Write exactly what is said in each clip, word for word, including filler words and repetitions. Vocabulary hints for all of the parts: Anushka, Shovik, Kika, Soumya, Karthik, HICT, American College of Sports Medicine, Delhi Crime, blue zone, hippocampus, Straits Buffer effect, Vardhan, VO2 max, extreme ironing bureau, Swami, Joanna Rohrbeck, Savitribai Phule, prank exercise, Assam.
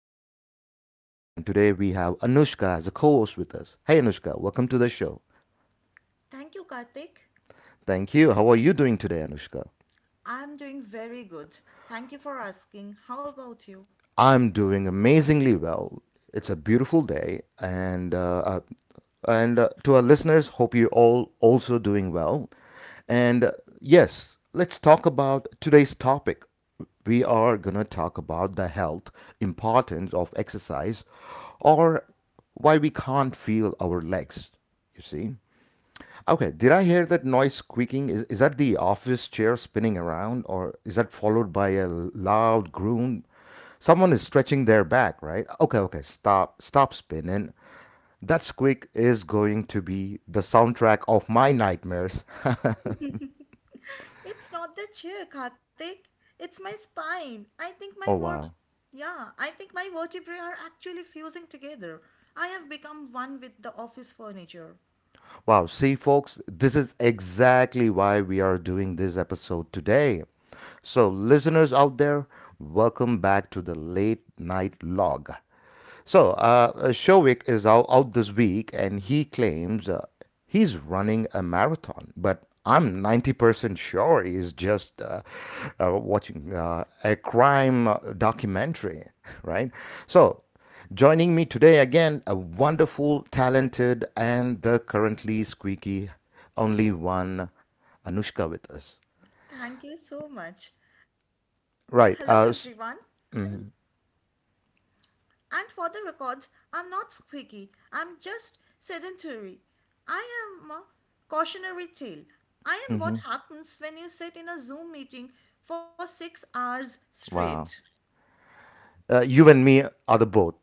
I'm your host, Karthik, and today we have Anushka as a co host with us. Hey, Anushka, welcome to the show. Thank you, Karthik. Thank you. How are you doing today, Anushka? I'm doing very good. Thank you for asking. How about you? I'm doing amazingly well. It's a beautiful day, and uh, uh, and uh, to our listeners, hope you all also doing well. And uh, Yes, let's talk about today's topic. We are gonna talk about the health importance of exercise, or why we can't feel our legs. You see. Okay, did I hear that noise squeaking? Is, is that the office chair spinning around, or is that followed by a loud groan? Someone is stretching their back, right? Okay, okay, stop, stop spinning. That squeak is going to be the soundtrack of my nightmares. It's not the chair, Karthik. It's my spine. I think my Oh, verb, wow. Yeah, I think my vertebrae are actually fusing together. I have become one with the office furniture. Wow, see, folks, this is exactly why we are doing this episode today. So, listeners out there, welcome back to the late night log. So, uh, Shovik is out, out this week and he claims uh, he's running a marathon, but I'm ninety percent sure he's just uh, uh, watching uh, a crime documentary, right? So, joining me today again, a wonderful, talented, and the currently squeaky only one Anushka with us. Thank you so much. Hello, everyone. Right. Uh, s- And for the records, I'm not squeaky, I'm just sedentary. I am a cautionary tale. I am what happens when you sit in a Zoom meeting for six hours straight. wow. Uh, you and me are the both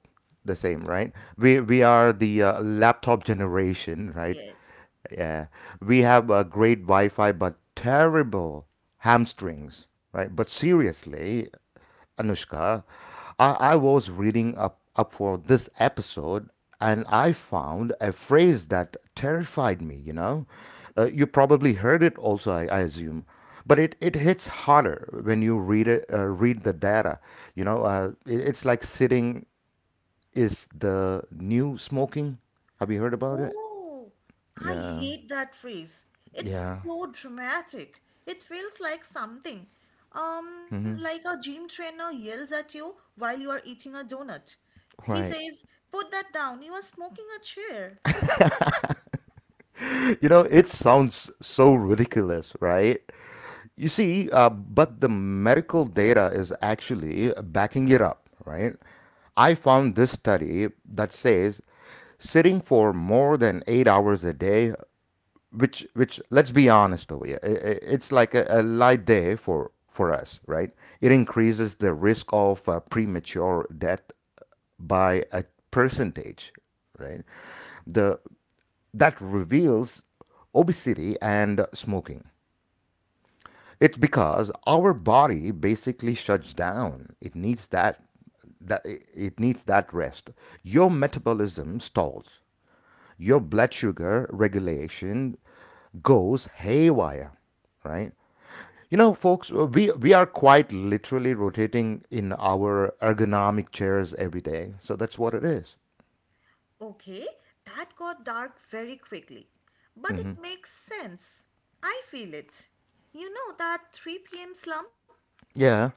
the same, right? We we are the uh, laptop generation, right? Yes. Yeah, we have a great Wi-Fi, but terrible hamstrings, right? But seriously, Anushka, I, I was reading up up for this episode, and I found a phrase that terrified me. You know, uh, you probably heard it also, I, I assume but it, it hits harder when you read it uh, read the data, you know uh, it, it's like sitting is the new smoking. Have you heard about it? Oh, I Yeah. hate that phrase. It's Yeah, so dramatic. It feels like something. Um, like a gym trainer yells at you while you are eating a donut. He right. says, "Put that down, you are smoking a chair." You know it sounds so ridiculous, right? You see, uh, but the medical data is actually backing it up, right? I found this study that says sitting for more than eight hours a day, which which let's be honest over here, it's like a, a light day for for us right? It increases the risk of uh, premature death by a percentage, right? The that reveals obesity and smoking. It's because our body basically shuts down. It needs that, that it needs that rest. Your metabolism stalls, your blood sugar regulation goes haywire, right? You know, folks, uh, we, we are quite literally rotating in our ergonomic chairs every day. So that's what it is. Okay, that got dark very quickly. But it makes sense. I feel it. You know that three p m slump? Yeah.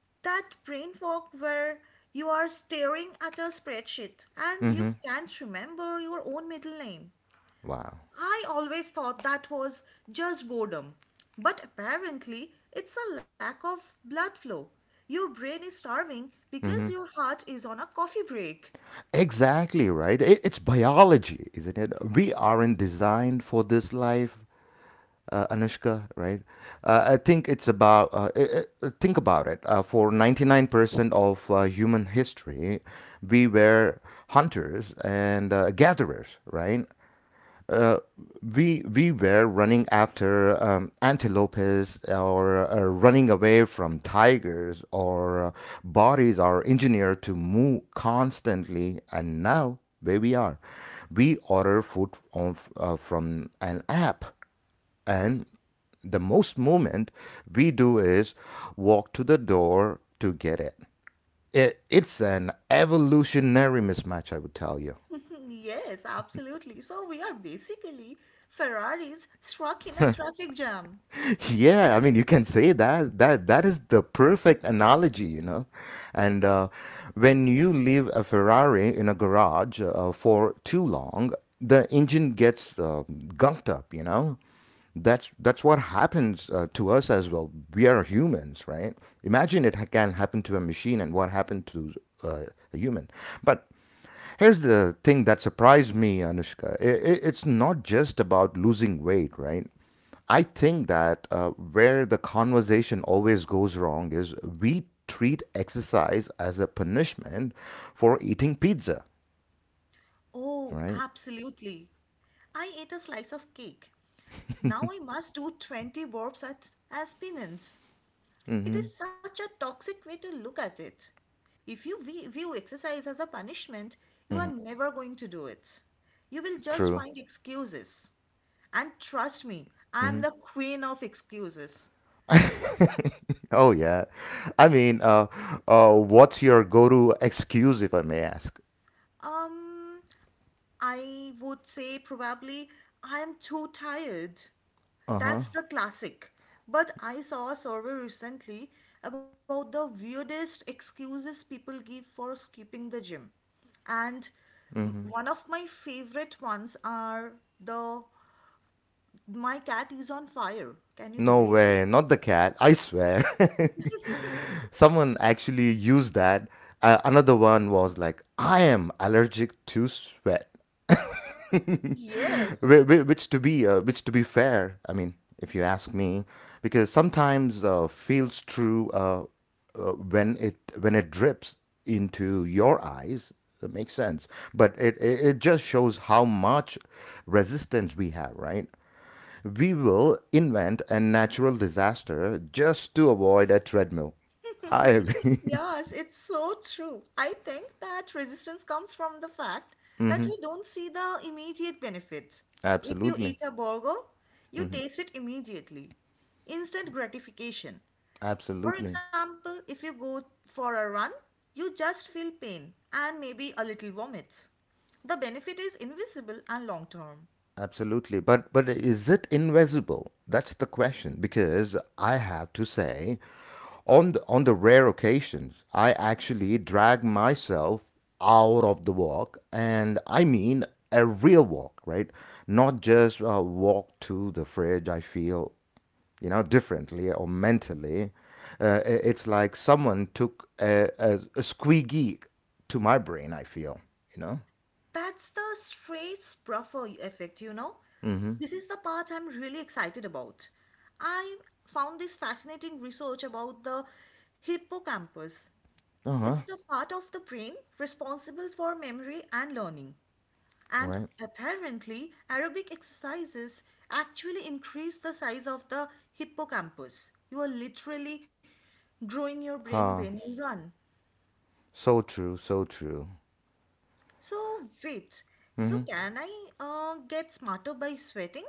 That brain fog where you are staring at a spreadsheet and you can't remember your own middle name. Wow. I always thought that was just boredom. But apparently, it's a lack of blood flow. Your brain is starving because your heart is on a coffee break. Exactly, right? It, it's biology, isn't it? We aren't designed for this life. uh, Anushka, right? Uh, I think it's about uh, i i think about it. Uh, for ninety nine percent of uh, human history, we were hunters and uh, gatherers, right? We we were running after um, antelopes or uh, running away from tigers, or uh, bodies are engineered to move constantly, and now where we are, we order food on, uh, from an app, and the most movement we do is walk to the door to get it. it it's an evolutionary mismatch, I would tell you. Yes, absolutely. So we are basically Ferraris struck in a traffic jam. Yeah, I mean you can say that that that is the perfect analogy, you know. And uh, when you leave a Ferrari in a garage uh, for too long, the engine gets uh, gunked up, you know. That's that's what happens uh, to us as well. We are humans, right? Imagine it ha- can happen to a machine and what happened to uh, a human. But here's the thing that surprised me, Anushka. I- i- It's not just about losing weight, right? I think that uh, where the conversation always goes wrong is we treat exercise as a punishment for eating pizza, Oh, right? absolutely. I ate a slice of cake. Now I must do twenty burps at, as penance. It Mm-hmm. is such a toxic way to look at it. If you vi- view exercise as a punishment, you are never going to do it. You will just True. find excuses. And trust me, I'm the queen of excuses. Oh, yeah. I mean, uh, uh, what's your go to excuse, if I may ask? Um, I would say probably I am too tired. Uh That's the classic. But I saw a survey recently about the weirdest excuses people give for skipping the gym. And m- huh. one of my favorite ones are the my cat is on fire. Can you No believe it? way, not the cat, I swear. Someone actually used that. Uh, another one was like, I am allergic to sweat. Yes. Wh- wh- Which to be, uh, which to be fair, I mean, if you ask me, because sometimes uh, feels true uh, uh, when it when it drips into your eyes. That makes sense, but it, it it just shows how much resistance we have, right? We will invent a natural disaster just to avoid a treadmill. I agree. Yes, it's so true. I think that resistance comes from the fact that we don't see the immediate benefits. If you Absolutely. eat a burger, you taste it immediately. Instant gratification. For Absolutely. example, if you go for a run, you just feel pain and maybe a little vomit. The benefit is invisible and long term. Absolutely. But but is it invisible? That's the question because I have to say on the, on the rare occasions I actually drag myself out of the walk and I mean a real walk, right? Not just a walk to the fridge. I feel, you know, differently or mentally. Uh, i- it's like someone took a, a, a squeaky to my brain, I feel, you know? That's the Straits Buffer effect, you know. This is the part I'm really excited about. I found this fascinating research about the hippocampus. Uh It's huh, the part of the brain responsible for memory and learning. And right? apparently, aerobic exercises actually increase the size of the hippocampus. You are literally growing your brain when Huh. you run. So true, so true. So, wait, so can I uh, get smarter by sweating?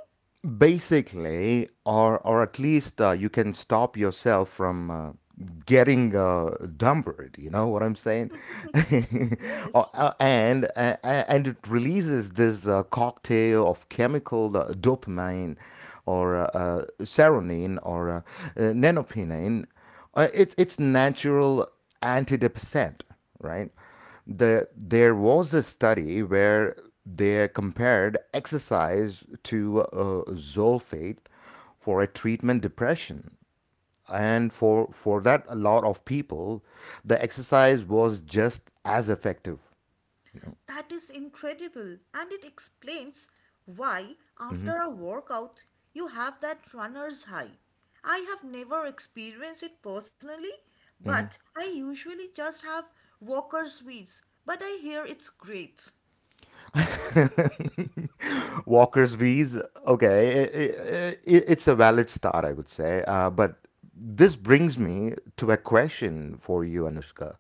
Basically, or or at least uh, you can stop yourself from uh, getting uh, dumbered. You know what I'm saying? Or- Yes. uh, and uh, and it releases this uh, cocktail of chemical, uh, dopamine, or uh, uh, serotonin, or uh, uh, nanopenine. Uh, it's it's natural antidepressant, right? The there was a study where they compared exercise to uh, zolfate for a treatment depression, and for for that a lot of people, the exercise was just as effective, you know. That is incredible. And it explains why, after a workout, you have that runner's high. I have never experienced it personally, but I usually just have walker's wheeze. But I hear it's great. Walker's v's, okay, it, it, it's a valid start I would say, uh, but this brings me to a question for you, Anushka.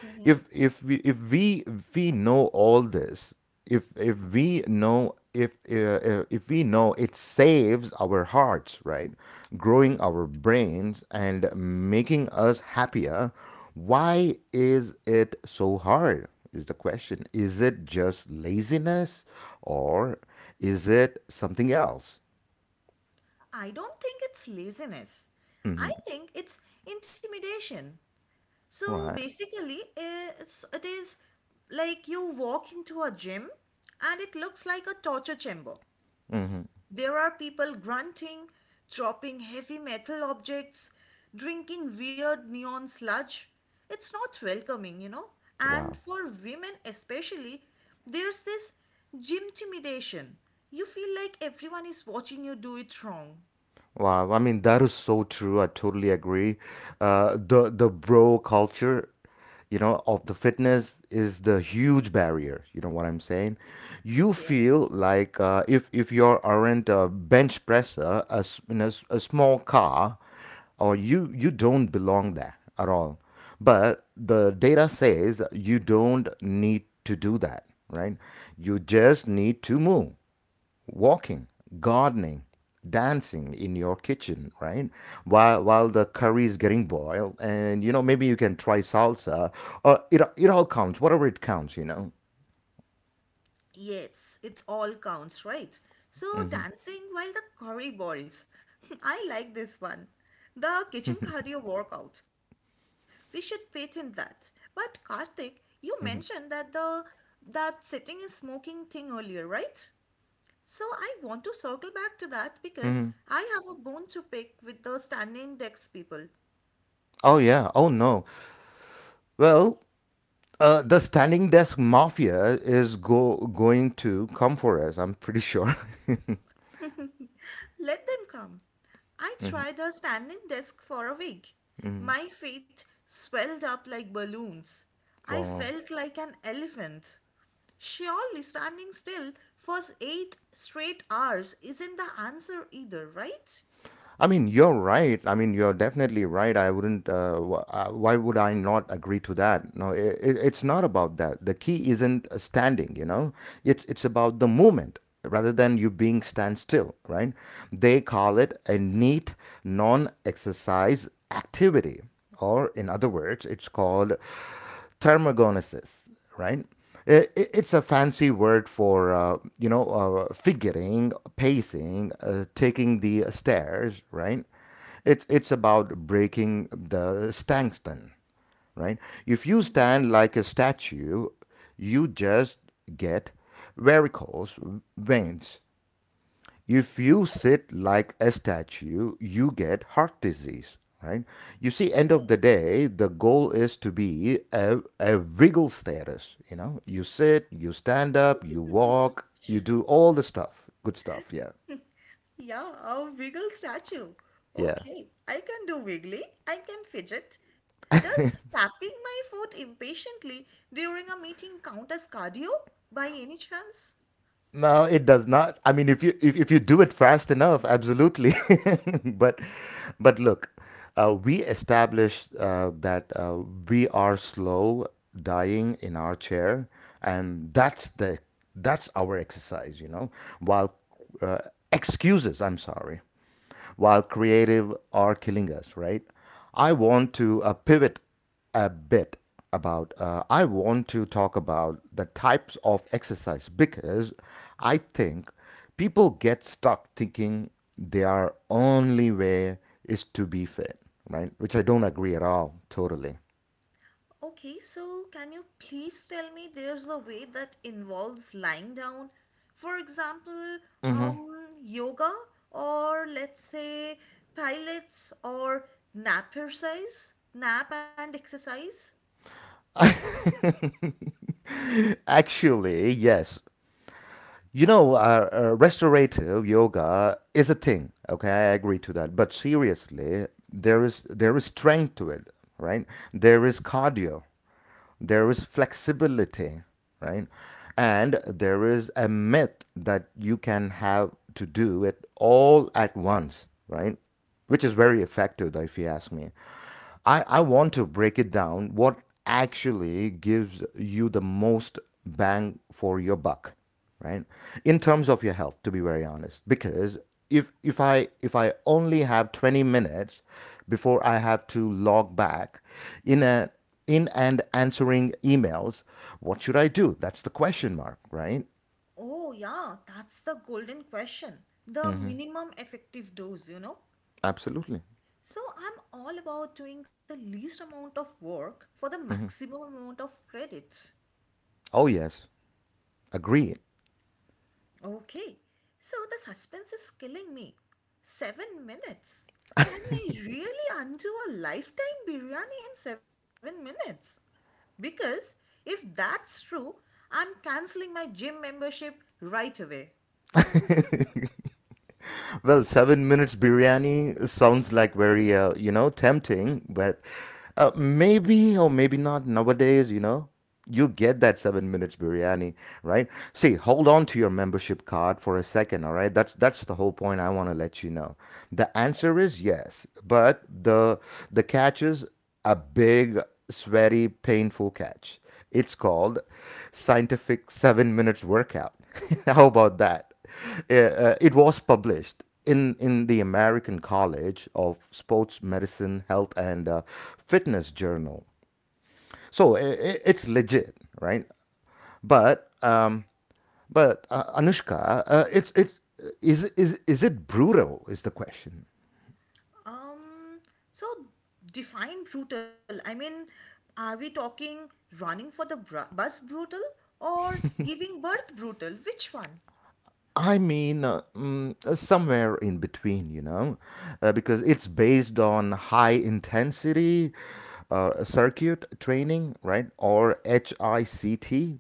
Hmm. If if we if we if we know all this, if if we know if uh, uh, if we know it saves our hearts, right? Growing our brains and making us happier, why is it so hard is the question. Is it just laziness, or is it something else? I don't think it's laziness. I think it's intimidation. So Right. basically, it's, it is like you walk into a gym and it looks like a torture chamber. There are people grunting, chopping heavy metal objects, drinking weird neon sludge. It's not welcoming, you know. And Wow. for women especially, there's this gym intimidation. You feel like everyone is watching you do it wrong. Wow, I mean that is so true. I totally agree. Uh, the the bro culture, you know, of the fitness is the huge barrier. You know what I'm saying? You Yes. feel like uh, if if you aren't a bench presser, a, s- in a, s- a small car, or you you don't belong there at all. But the data says you don't need to do that, right? You just need to move, walking, gardening, dancing in your kitchen, right? While while the curry is getting boiled, and you know maybe you can try salsa. Or it it all counts, whatever it counts, you know. Yes, it all counts, right? So, dancing while the curry boils. I like this one. The kitchen cardio workout. We should patent that. But Karthik, you mentioned that the that sitting is smoking thing earlier, right? So I want to circle back to that because I have a bone to pick with the standing decks people. Oh yeah. Oh no. Well, uh, the standing desk mafia is go going to come for us. I'm pretty sure. Let them come. I tried a standing desk for a week. My feet swelled up like balloons. I Well, felt like an elephant. Surely standing still for eight straight hours isn't the answer either, right? I mean, you're right. I mean, you're definitely right. I wouldn't. Uh, wh- uh, why would I not agree to that? No, it, it, it's not about that. The key isn't uh, standing. You know, it's it's about the movement rather than you being standstill. Right? They call it a neat non-exercise activity, or in other words, it's called thermogenesis, right? It's a fancy word for, uh, you know, uh, figuring, pacing, uh, taking the stairs, right? It's, it's about breaking the tungsten, right? If you Mhm. stand like a statue, you just get varicose veins. If you sit like a statue, you get heart disease, right? You see, end of the Yes. day, the goal is to be a, a wiggle status. You know, you sit, you stand up, you walk, you do all the stuff, good stuff. Yeah, Yeah, a wiggle statue. yeah. Okay, I can do wiggly, I can fidget. Does tapping my foot impatiently during a meeting count as cardio by any chance? No, it does not. I mean, if you if, if you do it fast enough, absolutely. but but look, uh, we established uh, that uh, we are slow dying in our chair, and that's the that's our exercise, you know. While uh, excuses, I'm sorry, while creative are killing us, right? I want to uh, pivot a bit about, uh, I want to talk about the types of exercise because I think people get stuck thinking their only way is to be fit, right? Which I don't agree at all, totally. Okay, so can you please tell me there's a way that involves lying down? For example, um, yoga or let's say pilates or nap exercise, nap and exercise? Actually, yes. You know, uh, uh, restorative yoga is a thing. Okay, I agree to that. But seriously, there is there is strength to it, right? There is cardio, there is flexibility, right? And there is a myth that you can have to do it all at once, right? Which is very effective, if you ask me. I, I want to break it down what actually gives you the most bang for your buck, right, in terms of your health, to be very honest, because if if i if i only have twenty minutes before I have to log back in a in and answering emails, what should I do? That's the question mark, right? Oh, yeah, that's the golden question. The minimum effective dose, you know? Absolutely. So I'm all about doing the least amount of work for the maximum amount of credits. Oh yes. Agree. Okay, so the suspense is killing me. Seven minutes. Can I really undo a lifetime biryani in seven minutes? Because if that's true, I'm canceling my gym membership right away. Well, seven minutes biryani sounds like very uh, you know tempting, but uh, maybe or maybe not nowadays, you know, you get that seven minutes biryani, right? See, hold on to your membership card for a second, all right? That's that's the whole point I want to let you know. The answer is yes, but the the catch is a big, sweaty, painful catch. It's called scientific seven minutes workout. How about that? Uh, uh, it was published in in the American College of Sports Medicine, Health and uh, Fitness Journal, so I it's legit, right? But uh, but uh, Anushka, uh, it it is is is it brutal? Is the question? Um, so define brutal. I mean, are we talking running for the br- bus brutal or giving birth brutal? Which one? I mean, uh, mm, uh, somewhere in between, you know, uh, because it's based on high intensity uh, circuit training, right? Or H I C T.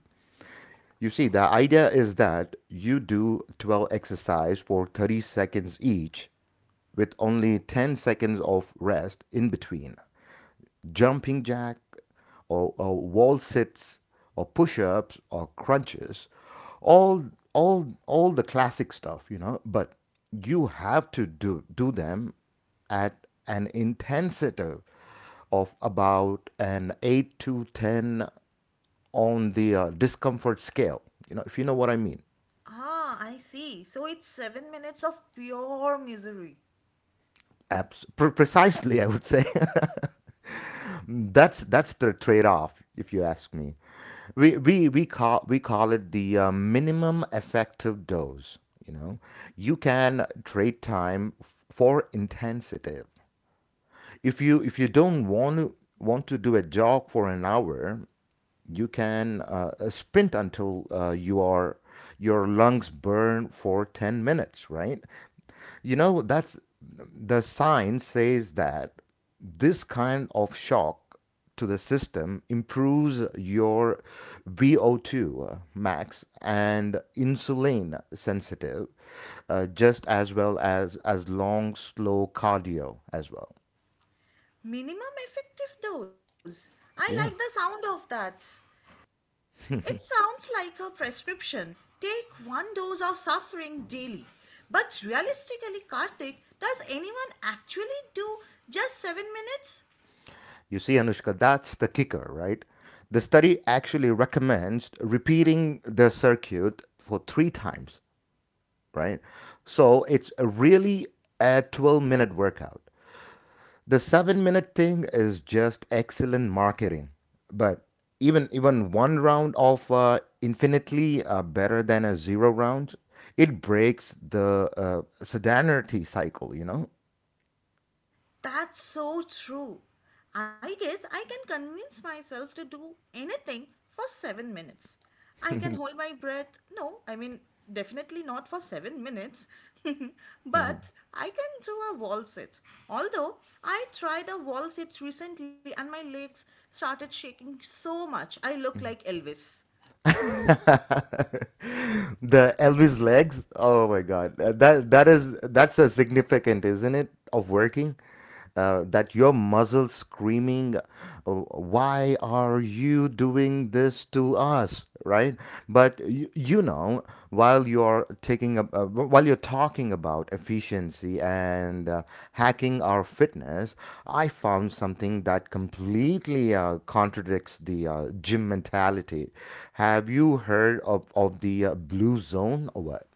You see, the idea is that you do twelve exercise for thirty seconds each with only ten seconds of rest in between. Jumping jack, or, or wall sits or push-ups or crunches, all all all the classic stuff, you know. But you have to do do them at an intensity of about an eight to ten on the uh, discomfort scale, you know, if you know what I mean. Ah, I see. So it's seven minutes of pure misery. Abs- pre- precisely, I would say. That's that's the trade-off, if you ask me. We we we call we call it the uh, minimum effective dose. You know, you can trade time f- for intensity. If you if you don't want to want to do a jog for an hour, you can uh, sprint until uh, you are your lungs burn for ten minutes, right? You know, that's, the science says that this kind of shock to the system improves your V O two max and insulin sensitive, uh, just as well as as long slow cardio as well. Minimum effective dose. I like the Yeah. sound of that. It sounds like a prescription. Take one dose of suffering daily. But realistically, Karthik, does anyone actually do just seven minutes? You see, Anushka, that's the kicker, right? The study actually recommends repeating the circuit for three times, right? So it's a really a twelve minute workout. The seven minute thing is just excellent marketing, but even even one round of uh, infinitely uh, better than a zero round. It breaks the uh, sedanity cycle, you know? That's so true. I guess I can convince myself to do anything for seven minutes. I can hold my breath. No, I mean, definitely not for seven minutes. But I can do a wall sit. Although I tried a wall sit recently and my legs started shaking so much, I look like Elvis. The Elvis legs. Oh my God. Uh, that that is, that's a significant, isn't it, of working? Uh, that your muscles screaming, uh, "Why are you doing this to us?" Right? But you, you know, While you're taking up uh, while you're talking about efficiency and uh, hacking our fitness, I found something that completely uh, contradicts the uh, gym mentality. Have you heard of, of the uh, blue zone or what?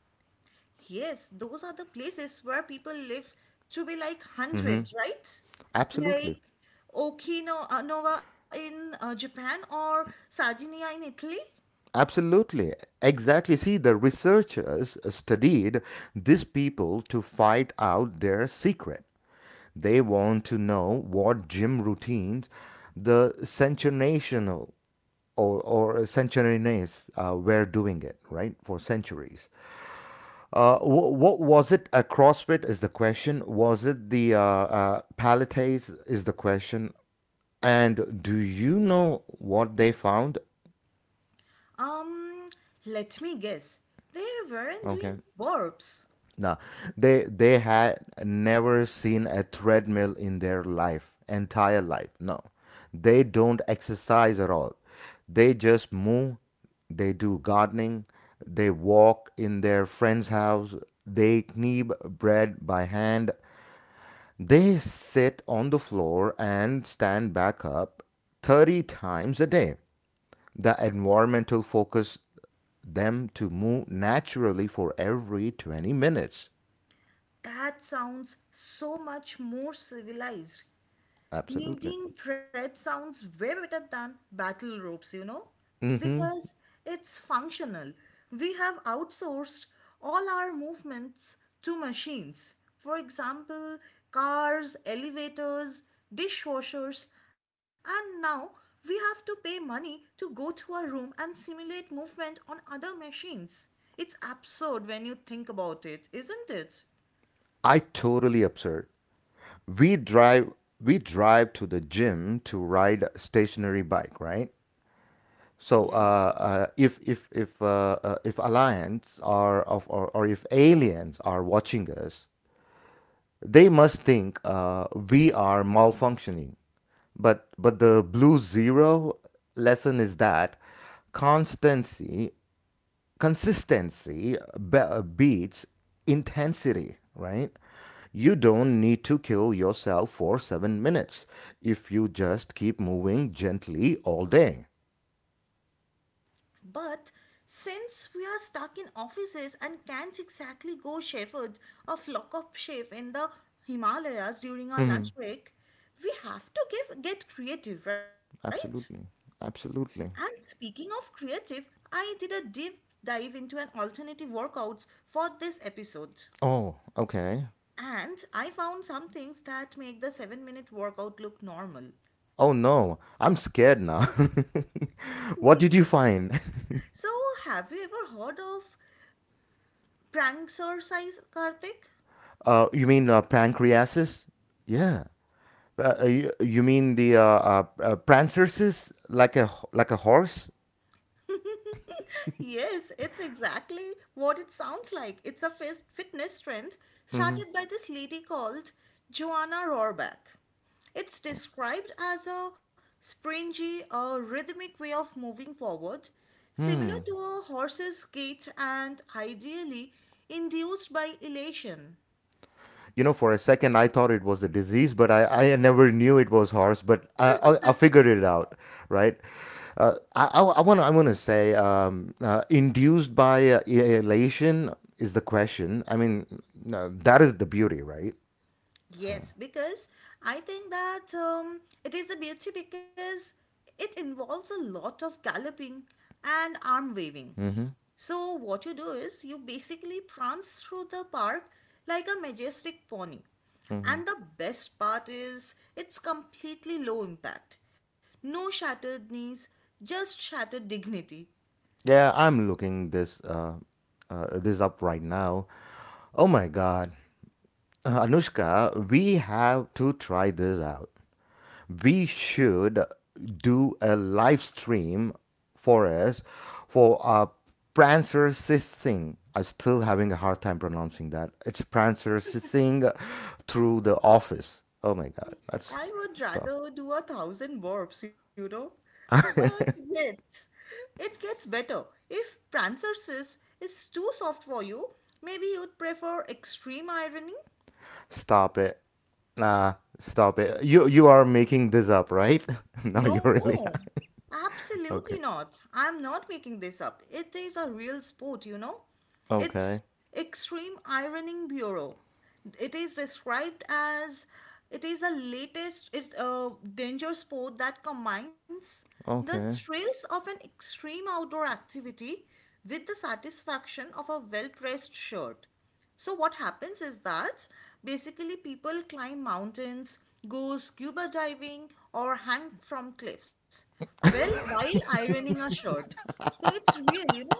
Yes, those are the places where people live to be like hundreds, right? Absolutely. Like Okinawa in uh, Japan or Sardinia in Italy. Absolutely. Exactly. See, the researchers studied these people to find out their secret. They want to know what gym routines the sensational, or, or centuries uh, were doing it, right, for centuries. Uh, wh- what was it? A CrossFit is the question. Was it the uh, uh, Pilates is the question. And do you know what they found? Um, let me guess. They weren't doing Okay. burps. No, they they had never seen a treadmill in their life, entire life. No, they don't exercise at all. They just move. They do gardening. They walk in their friend's house. They knead bread by hand. They sit on the floor and stand back up thirty times a day. The environmental focus them to move naturally for every twenty minutes. That sounds so much more civilized. Absolutely. Knitting thread sounds way better than battle ropes, you know, Hmm. because it's functional. We have outsourced all our movements to machines. For example, cars, elevators, dishwashers, and now we have to pay money to go to a room and simulate movement on other machines. It's absurd when you think about it, isn't it? I totally absurd. We drive we drive to the gym to ride a stationary bike, right? So uh, Yes. uh, if if if uh, uh, if aliens are of, or, or if aliens are watching us, they must think uh, we are malfunctioning. But but the blue zero lesson is that constancy, consistency, be- uh, beats intensity, right? You don't need to kill yourself for seven minutes if you just keep moving gently all day. But since we are stuck in offices and can't exactly go shepherd or flock of sheep in the Himalayas during our Mhm. lunch break, we have to give, get creative, right? Absolutely. And Absolutely. speaking of creative, I did a deep dive into an alternative workouts for this episode. Oh, okay. And I found some things that make the seven minute workout look normal. Oh no, I'm scared now. What did you find? So, have you ever heard of prank exercise, Karthik? Uh, you mean uh, pancreases? Yeah. Uh, uh, you, you mean the uh, uh, uh, prancersis, like a h- like a horse? Yes, it's exactly what it sounds like. It's a fis- fitness trend started by this lady called Joanna Rohrbeck. It's described as a springy a rhythmic way of moving forward, similar to a horse's gait and ideally induced by elation. You know, for a second, I thought it was the disease, but I, I never knew it was horse. But I, I, I figured it out, right? Uh, I, I want to I want to say um, uh, induced by uh, e- elation is the question. I mean, no, that is the beauty, right? Yes, because I think that um, it is the beauty because it involves a lot of galloping and arm waving. So, what you do is you basically prance through the park like a majestic pony. And the best part is it's completely low impact. No shattered knees, just shattered dignity. Yeah, I'm looking this uh, uh, this up right now. Oh my God. Uh, Anushka, we have to try this out. We should do a live stream for us for uh, Prancer Sissing. I'm still having a hard time pronouncing that. It's Prancer Sissing through the office. Oh my god, that's I would stuff. rather do a thousand burps, you know. But yet, it gets better. If Prancer says it's too soft for you, maybe you'd prefer extreme ironing. Stop it. Nah, stop it. You you are making this up, right? No, you No, really. absolutely Okay. not. I'm not making this up. It is a real sport, you know? It's Okay. extreme ironing bureau. It is described as it is the latest it's a danger sport that combines the Okay. thrills of an extreme outdoor activity with the satisfaction of a well-pressed shirt. So what happens is that basically people climb mountains, go scuba diving or hang from cliffs. Well, while ironing a shirt. So it's real, you know,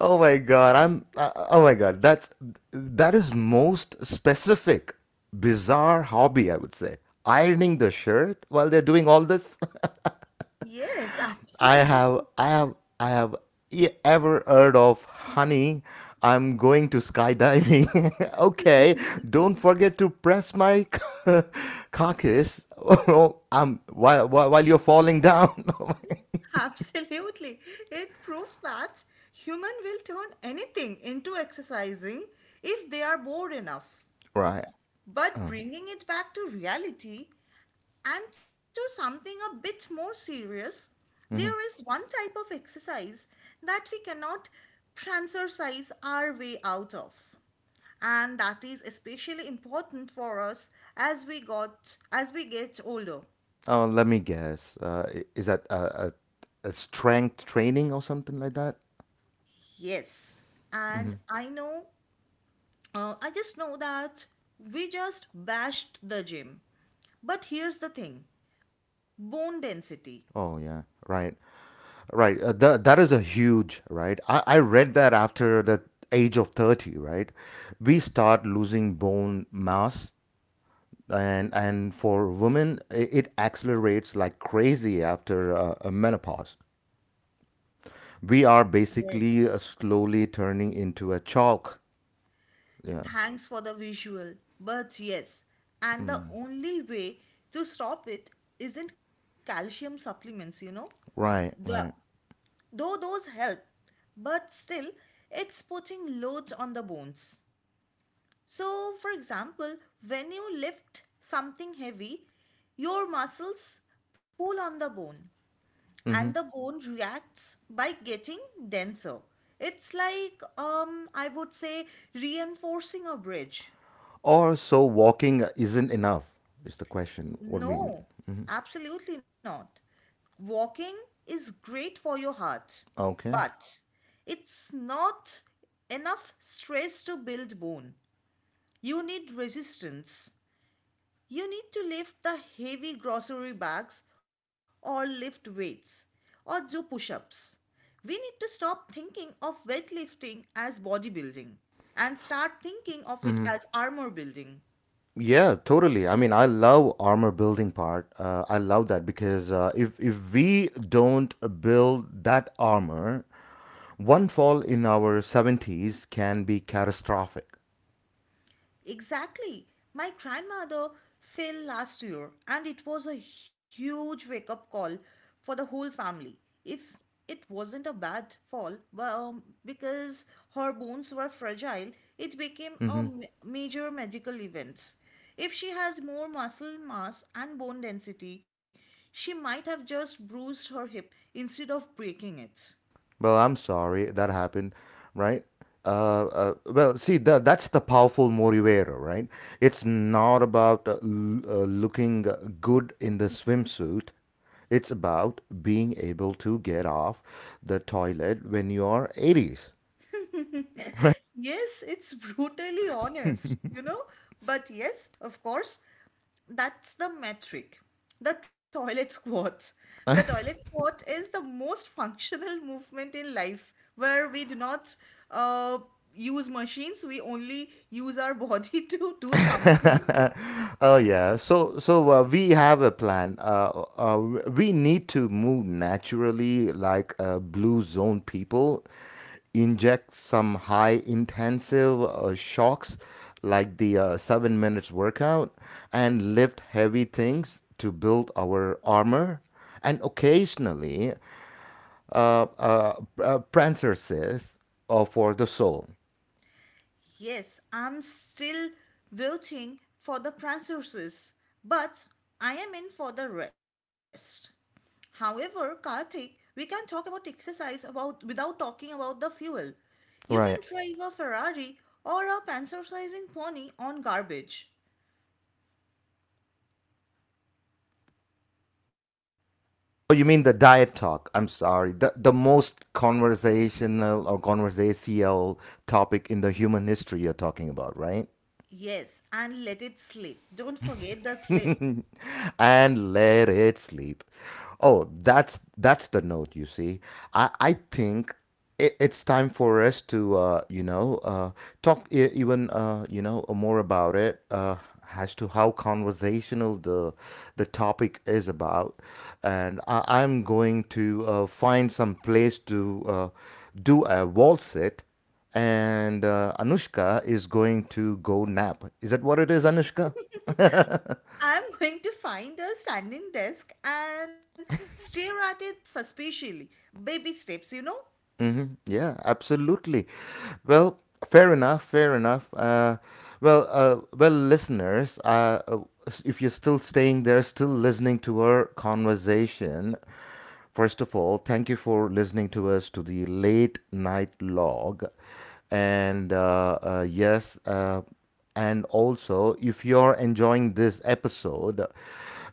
Oh my god, I'm uh, uh, oh my god, that's, that is most specific bizarre hobby I would say. Ironing the shirt while they're doing all this. Yes, I absolutely. have I have I have e- ever heard of, honey, I'm going to skydiving. Okay, don't forget to press my carcass. I while, while while you're falling down. Absolutely. It proves that human will turn anything into exercising if they are bored enough. Right. But bringing it back to reality and to something a bit more serious, there is one type of exercise that we cannot transercise our way out of. And that is especially important for us as we got as we get older. Oh, let me guess. Uh, i- is that a, a, a strength training or something like that? Yes. And I know Uh, I just know that we just bashed the gym. But here's the thing: bone density. Oh yeah, right, right. Uh, that, that is a huge right. I I read that after the age of thirty, right, we start losing bone mass, and and for women i- it accelerates like crazy after uh, a menopause. We are Yes. basically uh, slowly turning into a chalk. Yeah. Thanks for the visual. But yes, and the only way to stop it isn't calcium supplements, you know? Right. The, Right. though those help, but still, it's putting loads on the bones. So, for example, when you lift something heavy, your muscles pull on the bone Mm-hmm. and the bone reacts by getting denser. It's like, um, I would say, reinforcing a bridge. Or so walking isn't enough, is the question. What we mean. No, Hmm. absolutely not. Walking is great for your heart, Okay. but it's not enough stress to build bone. You need resistance. You need to lift the heavy grocery bags or lift weights or do push ups. We need to stop thinking of weightlifting as bodybuilding and start thinking of it Hmm. as armor building. Yeah, totally. I mean, I love armor building part. Uh, I love that because uh, if if we don't build that armor, one fall in our seventies can be catastrophic. Exactly. My grandmother fell last year, and it was a huge wake up call for the whole family. If it wasn't a bad fall, well, um, because her bones were fragile, it became a Mm-hmm. ma- major medical event. If she had more muscle mass and bone density, she might have just bruised her hip instead of breaking it. Well, I'm sorry that happened, right? Uh, uh, well, see, that that's the powerful motivator, right? It's not about uh, l- uh, looking good in the swimsuit. It's about being able to get off the toilet when you're eighties. Yes, it's brutally honest, you know? But yes, of course, that's the metric. The toilet squat. The toilet squat is the most functional movement in life where we do not uh, use machines, we only use our body to do something. Oh yeah. So so uh, we have a plan. Uh, uh, we need to move naturally, like uh, blue zone people. Inject some high intensive uh, shocks, like the uh, seven minutes workout, and lift heavy things to build our armor. And occasionally, uh, uh, uh, parenthesis uh, for the soul. Yes, I'm still voting for the Franceses, but I am in for the rest. However, Karthik, we can talk about exercise about without talking about the fuel. You can Right. drive a Ferrari or a panzerizing pony on garbage. Oh, you mean the diet talk? I'm sorry. The the most conversational or conversational topic in the human history you're talking about, right? Yes, and let it slip. Don't forget the slip. And let it sleep. Oh, that's that's the note. You see, I I think it, it's time for us to uh, you know uh, talk e- even uh, you know more about it, uh, as to how conversational the the topic is about, and I, I'm going to uh, find some place to uh, do a waltz it. And uh, Anushka is going to go nap. Is that what it is, Anushka? I'm going to find a standing desk and stare at it suspiciously. Baby steps, you know? Mm-hmm. Yeah, absolutely. Well, fair enough. Fair enough. Uh, well, uh, well, listeners, uh, uh, s- if you're still staying there, still listening to our conversation, first of all, thank you for listening to us to the late night log, and uh, uh, yes. Uh, and also, if you're enjoying this episode,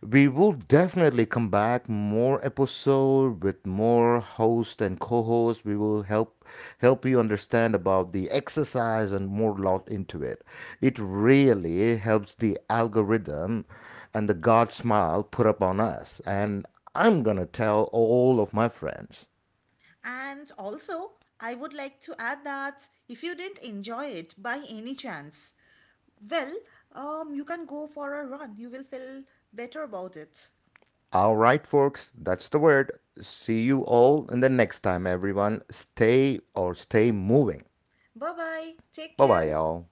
we will definitely come back more episode with more host and co-host. We will help help you understand about the exercise and more lot into it. It really helps the algorithm and the God smile put up on us. And I'm gonna tell all of my friends. And also, I would like to add that if you didn't enjoy it by any chance, well, um, you can go for a run. You will feel better about it. All right, folks, that's the word. See you all in the next time, everyone. Stay or stay moving. Bye bye. Take Bye care. bye, y'all.